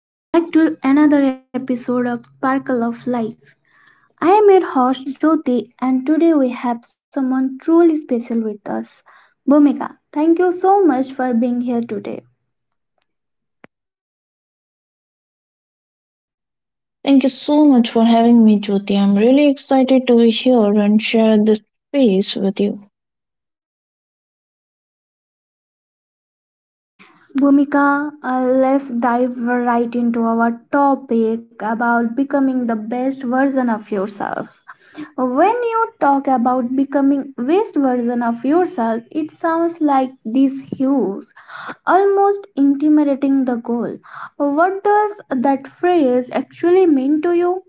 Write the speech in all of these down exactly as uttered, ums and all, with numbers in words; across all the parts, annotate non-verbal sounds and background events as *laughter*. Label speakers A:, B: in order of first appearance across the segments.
A: Hello and welcome back to another episode of Sparkle of Life. I am your host Jyoti, and today we have someone truly special with us, Bhumika. Thank you so much for being here today.
B: Thank you so much for having me, Jyoti. I'm really excited to be here and share this space with you.
A: Bhumika, uh, let's dive right into our topic about becoming the best version of yourself. When you talk about becoming best version of yourself, it sounds like this huge, almost intimidating the goal. What does that phrase actually mean to you?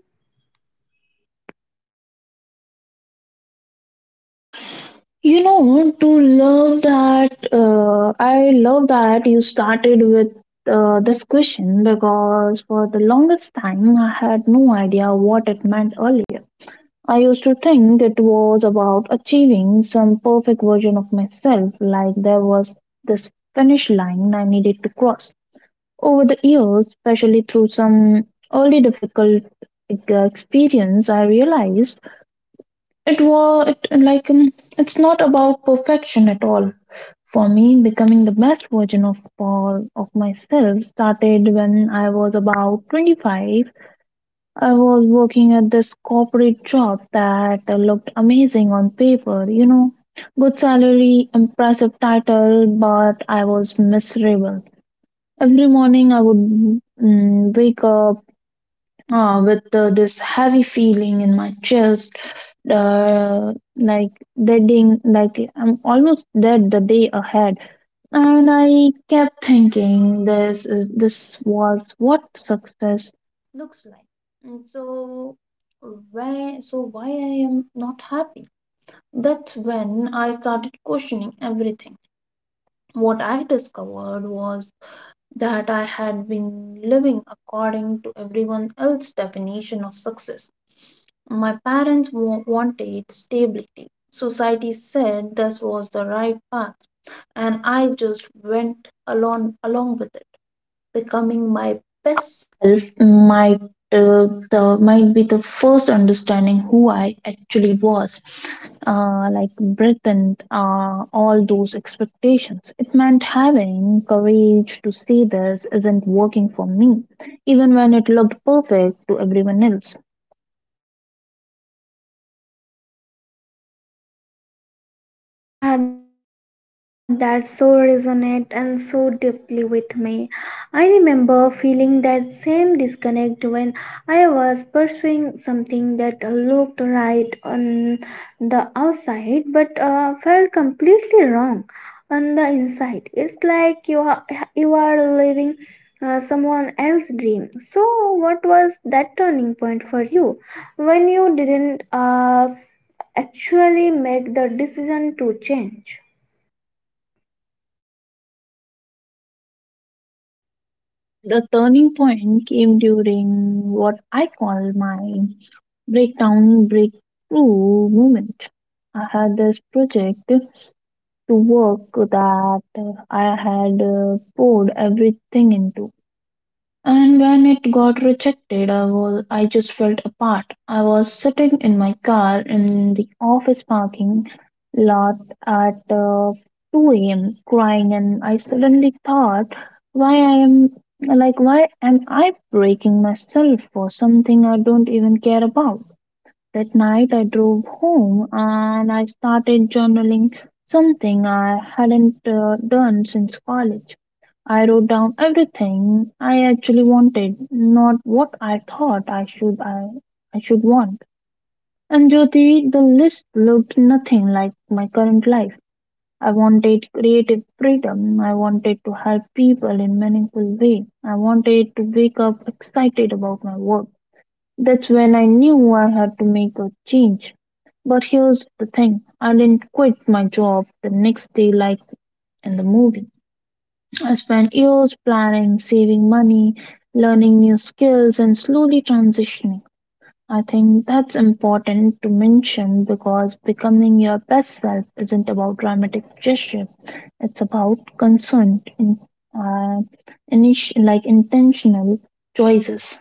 B: You know, to love that, uh, I love that you started with uh, this question because for the longest time I had no idea what it meant earlier. I used to think it was about achieving some perfect version of myself, like there was this finish line I needed to cross. Over the years, especially through some early difficult like, uh, experience, I realized it was it, like um, it's not about perfection at all. For me, becoming the best version of all of myself started when I was about twenty-five. I was working at this corporate job that looked amazing on paper, you know, good salary, impressive title, but I was miserable. Every morning I would mm, wake up uh, with uh, this heavy feeling in my chest, uh, like deading, like I'm almost dead the day ahead. And I kept thinking, this is this was what success looks like. And so why so why I am not happy? That's when I started questioning everything. What I discovered was that I had been living according to everyone else's definition of success. My parents wa- wanted stability. Society said this was the right path, and I just went along along with it becoming my best self might uh, the might be the first understanding who I actually was, uh, like Britain, uh, all those expectations. It meant having courage to say this isn't working for me, even when it looked perfect to everyone else.
A: Ah, that so resonate and so deeply with me. I remember feeling that same disconnect when I was pursuing something that looked right on the outside but uh, felt completely wrong on the inside. It's like you are you are living uh, someone else's dream. So, what was turning point for you when you didn't uh, actually make the decision to change?
B: The turning point came during what I call my breakdown breakthrough moment. I had this project to work that I had uh, poured everything into. And when it got rejected, I was I just felt apart. I was sitting in my car in the office parking lot at uh, two a m crying, and I suddenly thought, why I am like why am I breaking myself for something I don't even care about? That night I drove home and I started journaling something I hadn't uh, done since college. I wrote down everything I actually wanted, not what I thought I should I, I should want. And Jyoti, the list looked nothing like my current life. I wanted creative freedom. I wanted to help people in meaningful way. I wanted to wake up excited about my work. That's when I knew I had to make a change. But here's the thing, I didn't quit my job the next day like in the movie. I spent years planning, saving money, learning new skills, and slowly transitioning. I think that's important to mention because becoming your best self isn't about dramatic gesture. It's about concerned, in, uh, initi- like intentional choices.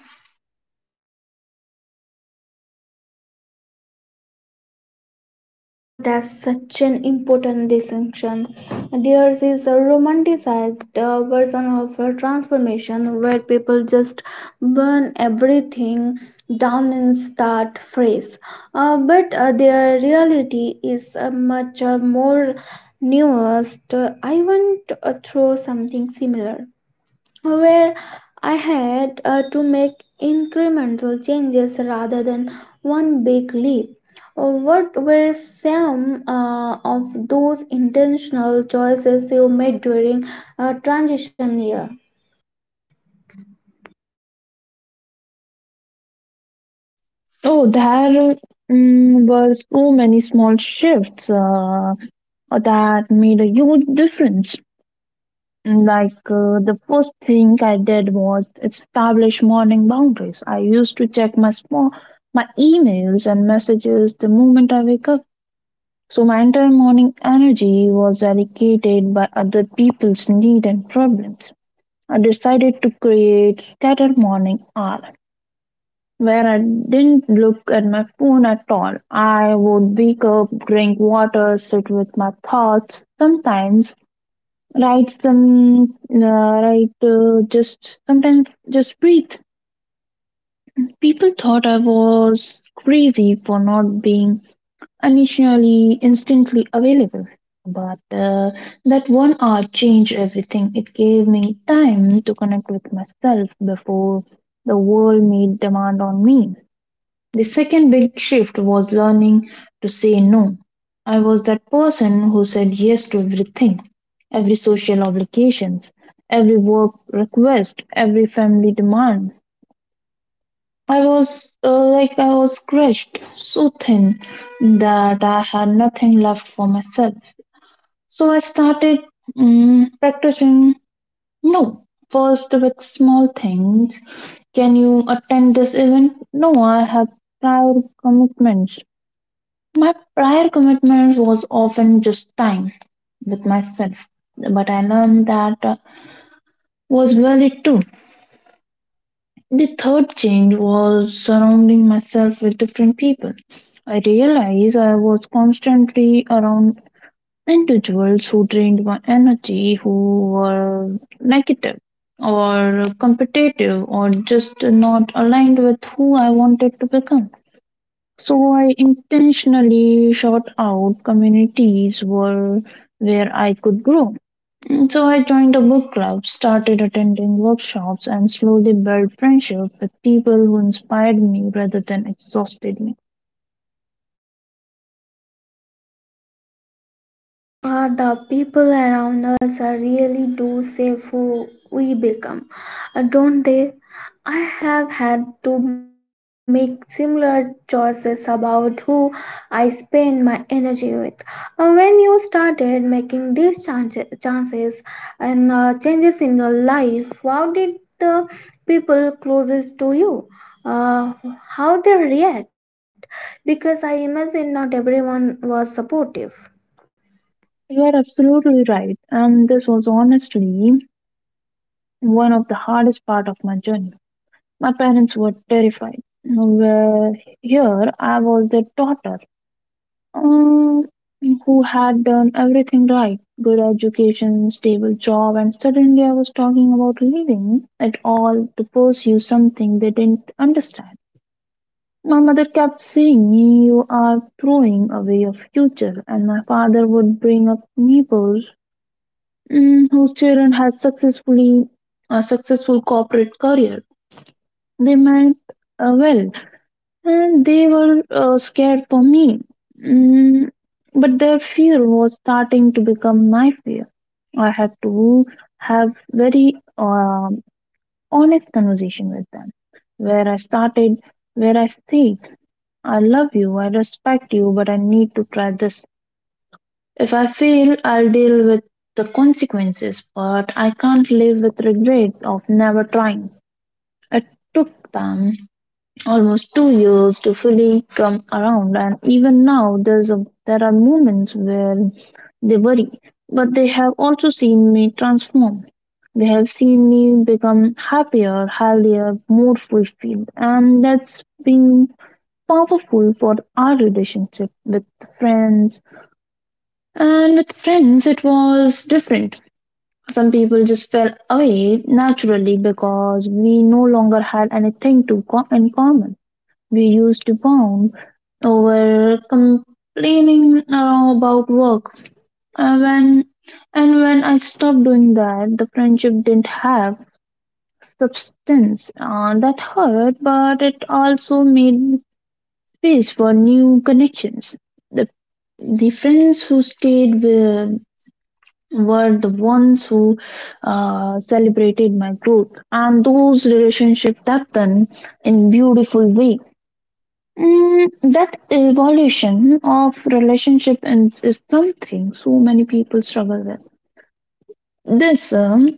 A: Uh, that's such an important distinction. Theirs is a romanticized uh, version of a transformation where people just burn everything down and start fresh. Uh, but uh, their reality is uh, much uh, more nuanced. Uh, I went uh, through something similar where I had uh, to make incremental changes rather than one big leap. Uh, What were some uh, of those intentional choices you made during a transition year?
B: Oh, there mm, were so many small shifts uh, that made a huge difference. Like uh, the first thing I did was establish morning boundaries. I used to check my small, my emails and messages the moment I wake up. So my entire morning energy was allocated by other people's need and problems. I decided to create scattered morning hours where I didn't look at my phone at all. I would wake up, drink water, sit with my thoughts, sometimes write some, uh, write uh, just sometimes just breathe. People thought I was crazy for not being initially instantly available. But uh, that one hour changed everything. It gave me time to connect with myself before the world made demand on me. The second big shift was learning to say no. I was that person who said yes to everything, every social obligations, every work request, every family demand. I was uh, like I was crushed so thin that I had nothing left for myself. So I started mm, practicing no. First with small things. Can you attend this event? No, I have prior commitments. My prior commitment was often just time with myself, but I learned that uh, was valid too. The third change was surrounding myself with different people. I realized I was constantly around individuals who drained my energy, who were negative or competitive or just not aligned with who I wanted to become. So I intentionally sought out communities where where I could grow. And so I joined a book club, started attending workshops, and slowly built friendship with people who inspired me rather than exhausted me.
A: Uh, the people around us uh, really do save who we become, uh, don't they? I have had to make similar choices about who I spend my energy with. Uh, when you started making these chances, chances and uh, changes in your life, how did the people closest to you? Uh, how they react? Because I imagine not everyone was supportive.
B: You are absolutely right, and this was honestly one of the hardest part of my journey. My parents were terrified. Where here I was their daughter, um, who had done everything right, good education, stable job, and suddenly I was talking about leaving it all to pursue something they didn't understand. My mother kept saying, "You are throwing away your future," and my father would bring up neighbors mm, whose children had successfully a successful corporate career. They meant uh, well, and they were uh, scared for me. Mm, but their fear was starting to become my fear. I had to have very um, honest conversation with them, where I started, where I said, "I love you, I respect you, but I need to try this. If I fail, I'll deal with the consequences, but I can't live with regret of never trying." It took them almost two years to fully come around, and even now there's a there are moments where they worry, but they have also seen me transform. They have seen me become happier, healthier, more fulfilled, and that's been powerful for our relationship with friends and with friends it was different. Some people just fell away naturally because we no longer had anything to co- in common. We used to bond over complaining uh, about work. Uh, when And when I stopped doing that, the friendship didn't have substance. Uh, that hurt, but it also made space for new connections. The the friends who stayed were, were the ones who uh, celebrated my growth, and those relationships happened in beautiful way. Mm, that evolution of relationship is, is something so many people struggle with. This um,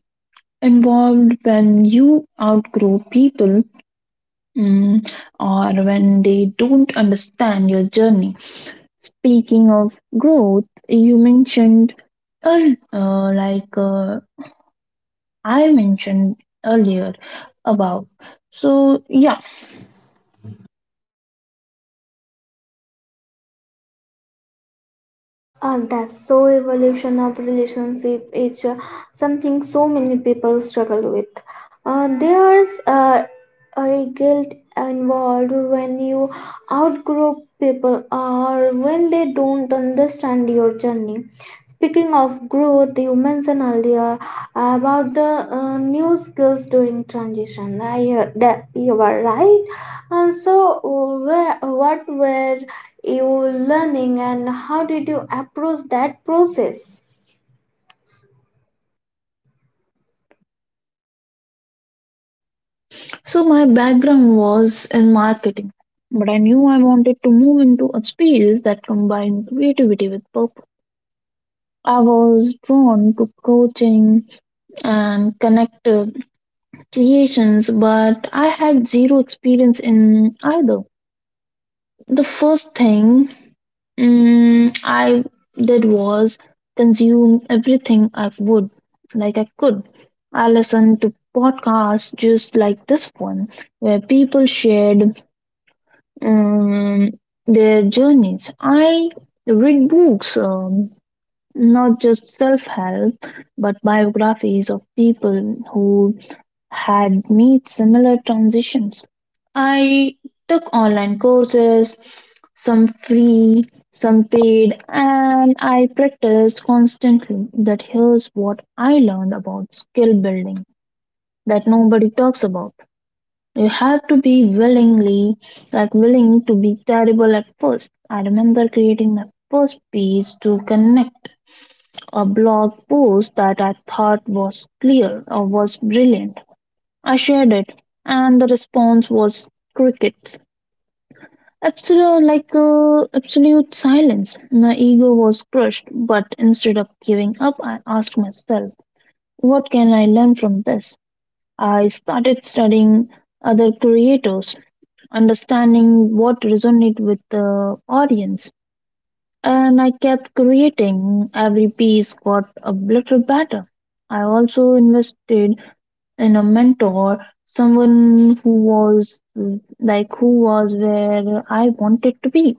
B: Involved when you outgrow people mm, or when they don't understand your journey. Speaking of growth, you mentioned earl- uh, like uh, I mentioned earlier about. So yeah,
A: Uh, that's so evolution of relationship is uh, something so many people struggle with. Uh, there's uh, a guilt involved when you outgrow people or when they don't understand your journey. Speaking of growth, you mentioned earlier about the uh, new skills during transition. I uh, that you were right. And so, where what were you learning, and how did you approach that process?
B: so my background was in marketing, but I knew I wanted to move into a space that combined creativity with purpose. I was drawn to coaching and connective creations, but I had zero experience in either. The first thing mm, I did was consume everything I would, like I could. I listened to podcasts just like this one, where people shared um, their journeys. I read books, um, not just self help, but biographies of people who had made similar transitions. I took online courses, some free, some paid, and I practiced constantly. That Here's what I learned about skill building that nobody talks about. You have to be willingly, like willing to be terrible at first. I remember creating my first piece to connect, a blog post that I thought was clear or was brilliant. I shared it, and the response was crickets. Absolute, like uh, absolute silence. My ego was crushed, but instead of giving up, I asked myself, "What can I learn from this?" I started studying other creators, understanding what resonated with the audience. And I kept creating. Every piece got a little better. I also invested in a mentor, someone who was mm, like who was where I wanted to be.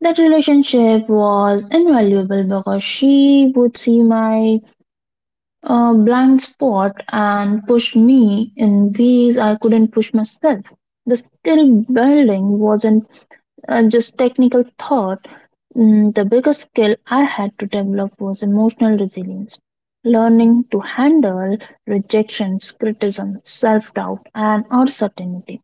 B: That relationship was invaluable because she would see my uh, blind spot and push me in ways I couldn't push myself. The skill building wasn't uh, just technical thought, mm, the biggest skill I had to develop was emotional resilience. Learning to handle rejections, criticism, self doubt, and uncertainty.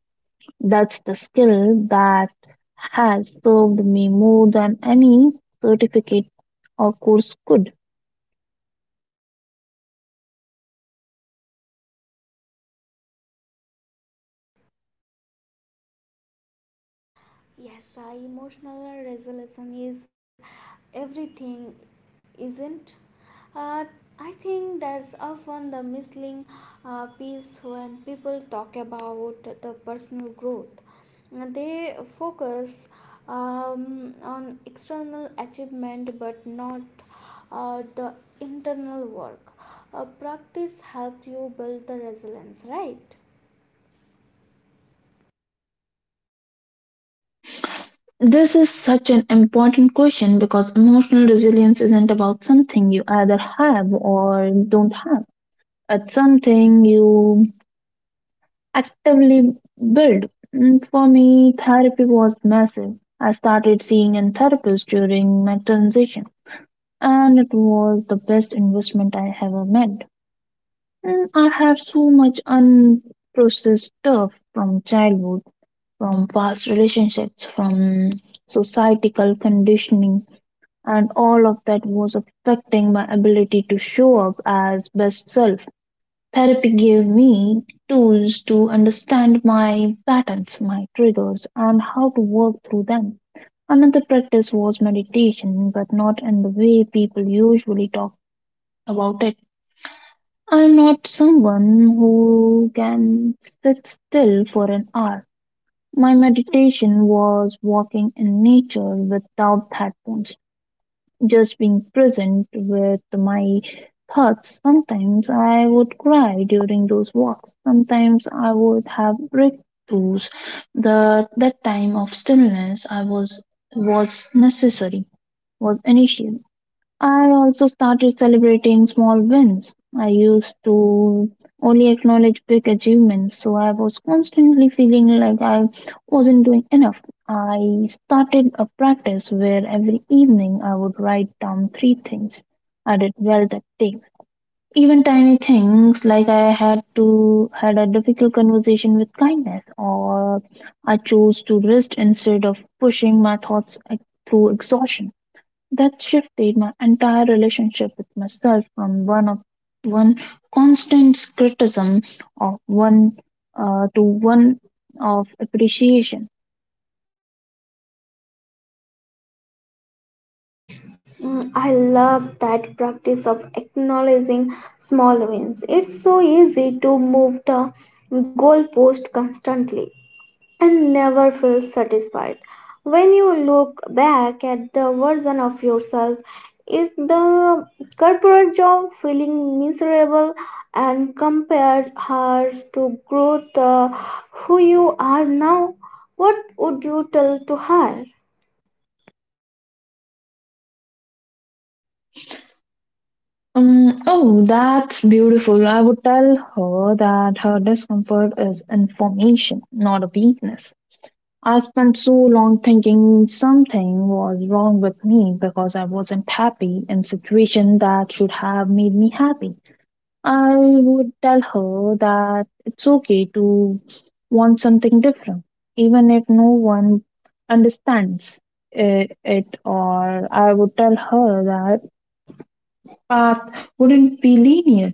B: That's the skill that has served me more than any certificate or course could.
A: Yes, uh, emotional resolution is everything, isn't? Uh, I think that's often the missing uh, piece when people talk about the personal growth. They focus um, on external achievement but not uh, the internal work. Uh, practice helps you build the resilience, right?
B: This is such an important question because emotional resilience isn't about something you either have or don't have. It's something you actively build. Mm, For me, therapy was massive. I started seeing a therapist during my transition, and it was the best investment I ever made. Mm, I have so much unprocessed stuff from childhood, from past relationships, from societal conditioning, and all of that was affecting my ability to show up as best self. Therapy gave me tools to understand my patterns, my triggers, and how to work through them. Another practice was meditation, but not in the way people usually talk about it. I'm not someone who can sit still for an hour. My meditation was walking in nature without headphones, just being present with my thoughts. Sometimes I would cry during those walks. Sometimes I would have breakthroughs. The That time of stillness I was was necessary, was initial. I also started celebrating small wins. I used to only acknowledge big achievements, so I was constantly feeling like I wasn't doing enough. I started a practice where every evening I would write down three things I did well that day. Even tiny things like I had to had a difficult conversation with kindness, or I chose to rest instead of pushing my thoughts, like, through exhaustion. That shifted my entire relationship with myself from one of one constant criticism of one uh, to one of appreciation.
A: Mm, I love that practice of acknowledging small wins. It's so easy to move the goalpost constantly and never feel satisfied. When you look back at the version of yourself, is the corporate job feeling miserable and compare her to growth, uh, who you are now? What would you tell to her?
B: Um, oh, that's beautiful. I would tell her that her discomfort is information, not a weakness. I spent so long thinking something was wrong with me because I wasn't happy in situation that should have made me happy. I would tell her that it's okay to want something different, even if no one understands i- it, or I would tell her that path wouldn't be linear.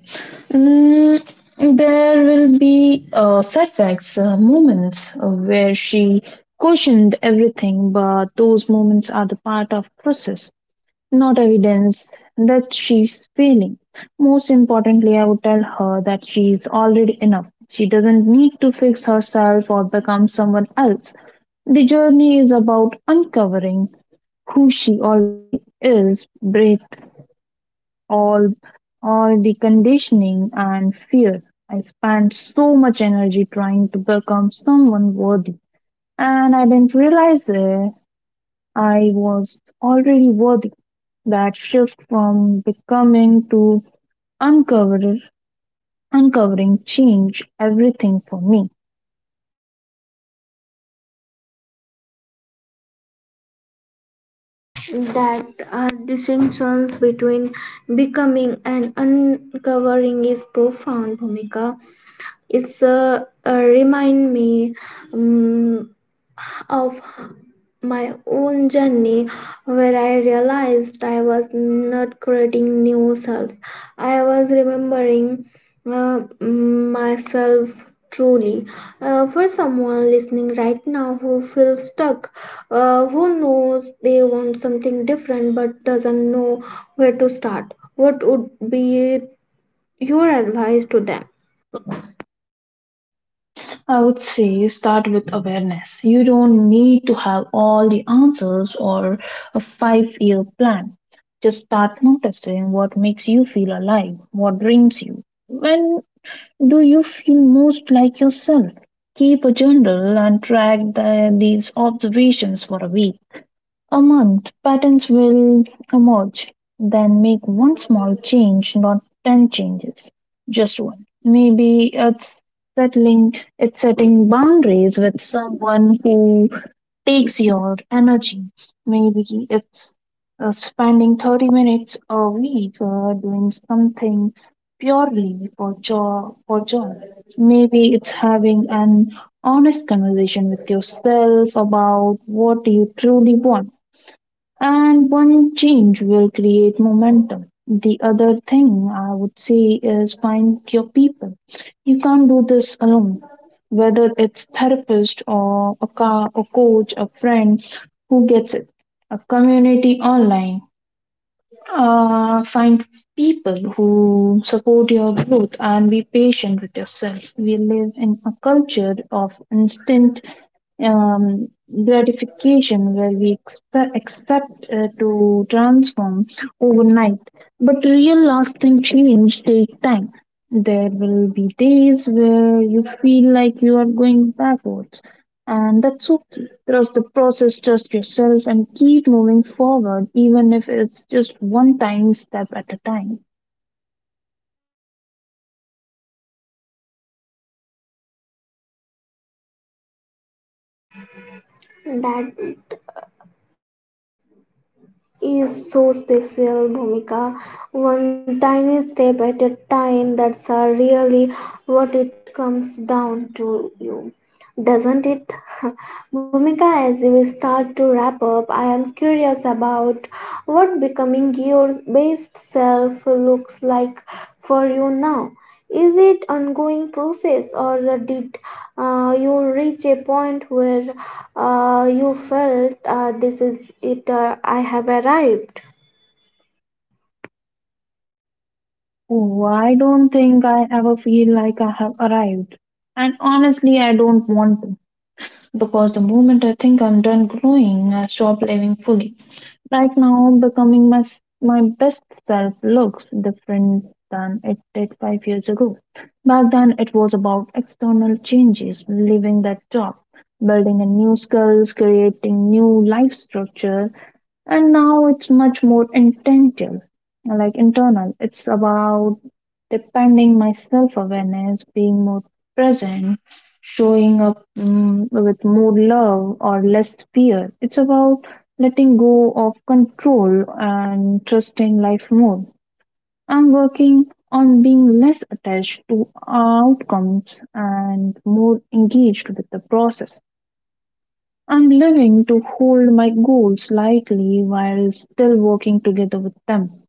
B: Mm, there will be uh, setbacks, uh, moments uh, where she questioned everything, but those moments are the part of process, not evidence that she's failing. Most importantly, I would tell her that she is already enough. She doesn't need to fix herself or become someone else. The journey is about uncovering who she already is, breath, all, all the conditioning and fear. I spent so much energy trying to become someone worthy, and I didn't realize it. I was already worthy. That shift from becoming to uncover, uncovering change everything for me.
A: That uh, distinctions between becoming and uncovering is profound, bhumika. It's uh, uh, remind me um, of my own journey where I realized I was not creating new self. I was remembering uh, myself truly. Uh, for someone listening right now who feels stuck, uh, who knows they want something different but doesn't know where to start, what would be your advice to them?
B: I would say start with awareness. You don't need to have all the answers or a five year plan. Just start noticing what makes you feel alive, what brings you. When do you feel most like yourself? Keep a journal and track the, these observations for a week. A month, patterns will emerge. Then make one small change, not ten changes, just one. Maybe it's settling, it's setting boundaries with someone who takes your energy. Maybe it's uh, spending thirty minutes a week uh, doing something purely for joy, for joy. Maybe it's having an honest conversation with yourself about what you truly want, and one change will create momentum. The other thing I would say is find your people. You can't do this alone. Whether it's therapist or a car, a coach, a friend who gets it, a community online, uh, find people who support your growth and be patient with yourself. We live in a culture of instant um, gratification where we expe- expect uh, to transform overnight. But real lasting change take time. There will be days where you feel like you are going backwards, and that's okay. Trust the process, trust yourself, and keep moving forward, even if it's just one tiny step at a time.
A: That is so special, Bhumika. One tiny step at a time, that's uh, really what it comes down to you. Doesn't it? *laughs* Bhumika, as we start to wrap up, I am curious about what becoming your best self looks like for you now. Is it ongoing process, or did uh, you reach a point where uh, you felt uh, this is it, uh, I have arrived?
B: Oh, I don't think I ever feel like I have arrived. And honestly, I don't want to, because the moment I think I'm done growing, I stop living fully. Right now, becoming my, s- my best self looks different than it did five years ago. Back then, it was about external changes, leaving that job, building a new skills, creating new life structure, and now it's much more intentional, like internal. It's about depending my self awareness, being more present, showing up, mm, with more love or less fear. It's about letting go of control and trusting life more. I'm working on being less attached to outcomes and more engaged with the process. I'm learning to hold my goals lightly while still working together with them.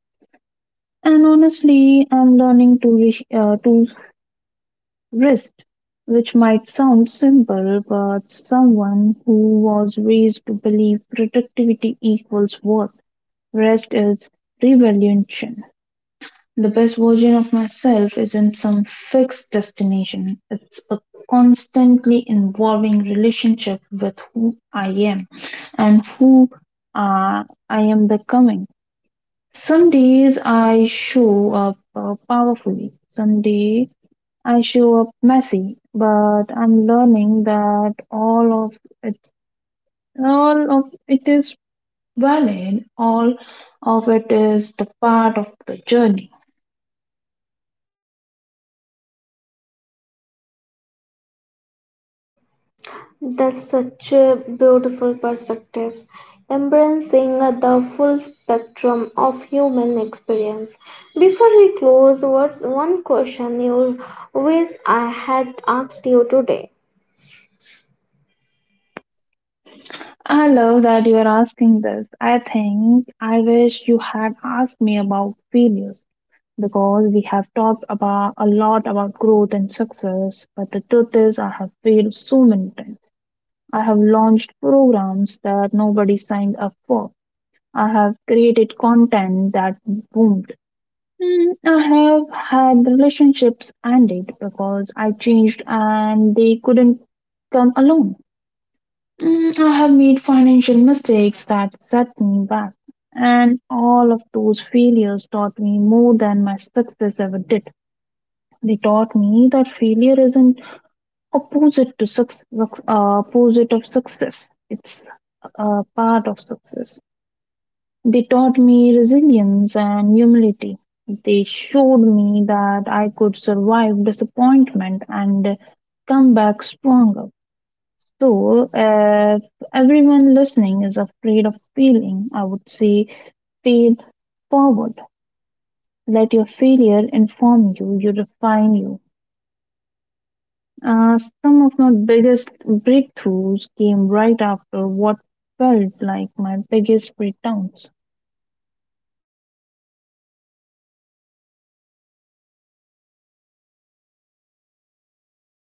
B: And honestly, I'm learning to re- uh, to Wrist, which might sound simple, but someone who was raised to believe productivity equals worth, rest is revolution. The best version of myself isn't some fixed destination. It's a constantly evolving relationship with who I am and who uh, I am becoming. Some days I show up, uh, powerfully. Some days I show up messy, but I'm learning that all of it, all of it is valid. All of it is the part of the journey.
A: That's such a beautiful perspective, embracing the full spectrum of human experience. Before we close, what's one question you wish I had asked you today?
B: I love that you are asking this. I think I wish you had asked me about failures, because we have talked about a lot about growth and success, but the truth is I have failed so many times. I have launched programs that nobody signed up for. I have created content that boomed. Mm, I have had relationships ended because I changed and they couldn't come alone. Mm, I have made financial mistakes that set me back. And all of those failures taught me more than my success ever did. They taught me that failure isn't opposite to success, uh, opposite of success. It's a part of success. They taught me resilience and humility. They showed me that I could survive disappointment and come back stronger. So, if everyone listening is afraid of failing, I would say fail forward. Let your failure inform you, you refine you. Uh, some of my biggest breakthroughs came right after what felt like my biggest breakdowns.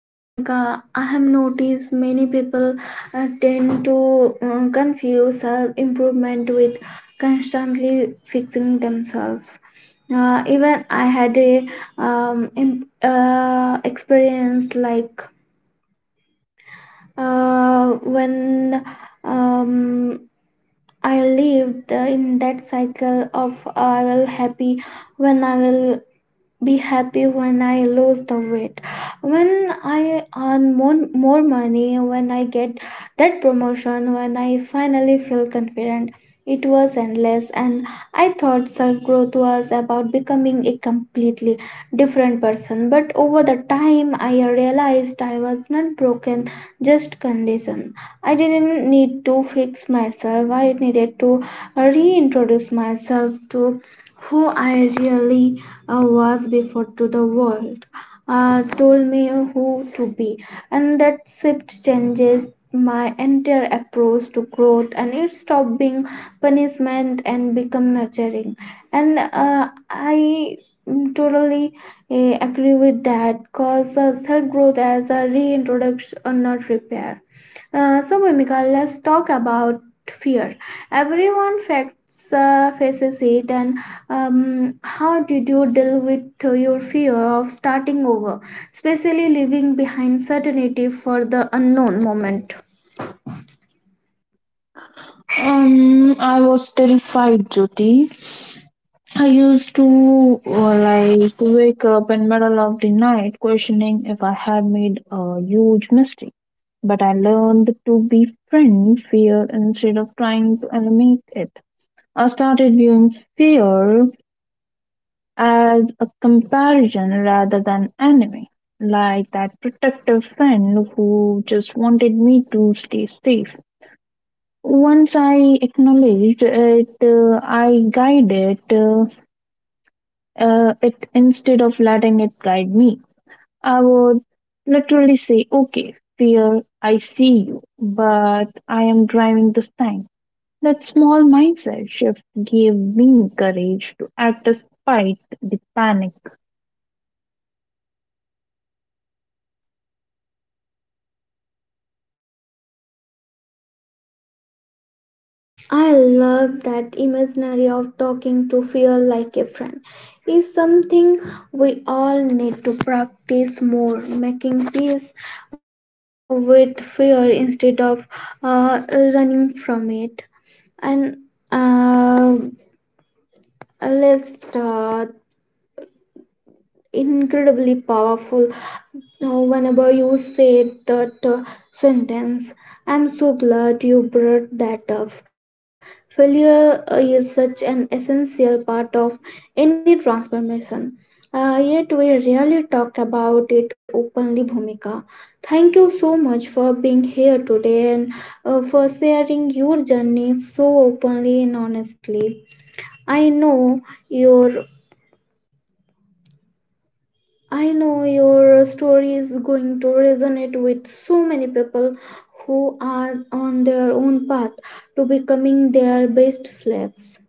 A: Bhumika, I have noticed many people uh, tend to uh, confuse self improvement with constantly fixing themselves. Uh, even I had a um, imp- uh, experience like uh, when um, I lived in that cycle of I will happy when I will be happy when I lose the weight, when I earn more, more money, when I get that promotion, when I finally feel confident. It was endless, and I thought self growth was about becoming a completely different person. But over the time, I realized I was not broken, just conditioned. I didn't need to fix myself, I needed to reintroduce myself to who I really uh, was before to the world uh, told me who to be, and that shift changes my entire approach to growth, and it stopped being punishment and become nurturing and uh, i mm, totally uh, agree with that, cause uh, self growth as a reintroduction or not repair. Uh, so, Mimika, let's talk about fear. Everyone facts, uh, faces it, and um, how did you deal with uh, your fear of starting over, especially leaving behind certainty for the unknown moment?
B: Um, I was terrified, Jyoti. I used to uh, like wake up in middle of the night questioning if I had made a huge mistake. But I learned to befriend fear instead of trying to eliminate it. I started viewing fear as a comparison rather than enemy, like that protective friend who just wanted me to stay safe. Once I acknowledged it, uh, I guided uh, uh, it instead of letting it guide me. I would literally say, "Okay, fear, I see you, but I am driving this time." That small mindset shift gave me courage to act despite the panic.
A: I love that imaginary of talking to fear like a friend. Is something we all need to practice more, making peace with fear instead of uh, running from it. And uh, let's uh, incredibly powerful. Now, whenever you said that uh, sentence, I'm so glad you brought that up. Failure uh, is such an essential part of any transformation. Uh, yet we rarely talk about it openly, Bhumika. Thank you so much for being here today and uh, for sharing your journey so openly and honestly. I know your I know your story is going to resonate with so many people who are on their own path to becoming their best slaves.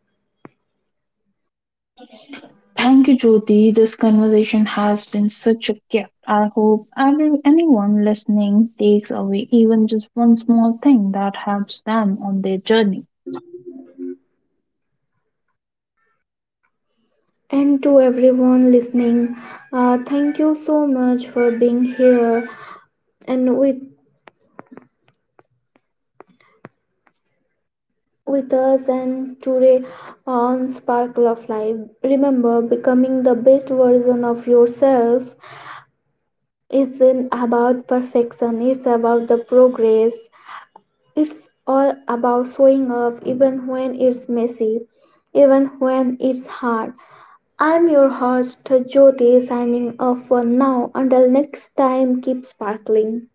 B: Thank you, Jyoti. This conversation has been such a gift. I hope every, anyone listening takes away even just one small thing that helps them on their journey.
A: And to everyone listening, uh, thank you so much for being here and with with us and today on Sparkle of Life. Remember, becoming the best version of yourself isn't about perfection; it's about the progress. It's all about showing up, even when it's messy, even when it's hard. I'm your host, Jyoti, signing off for now. Until next time, keep sparkling.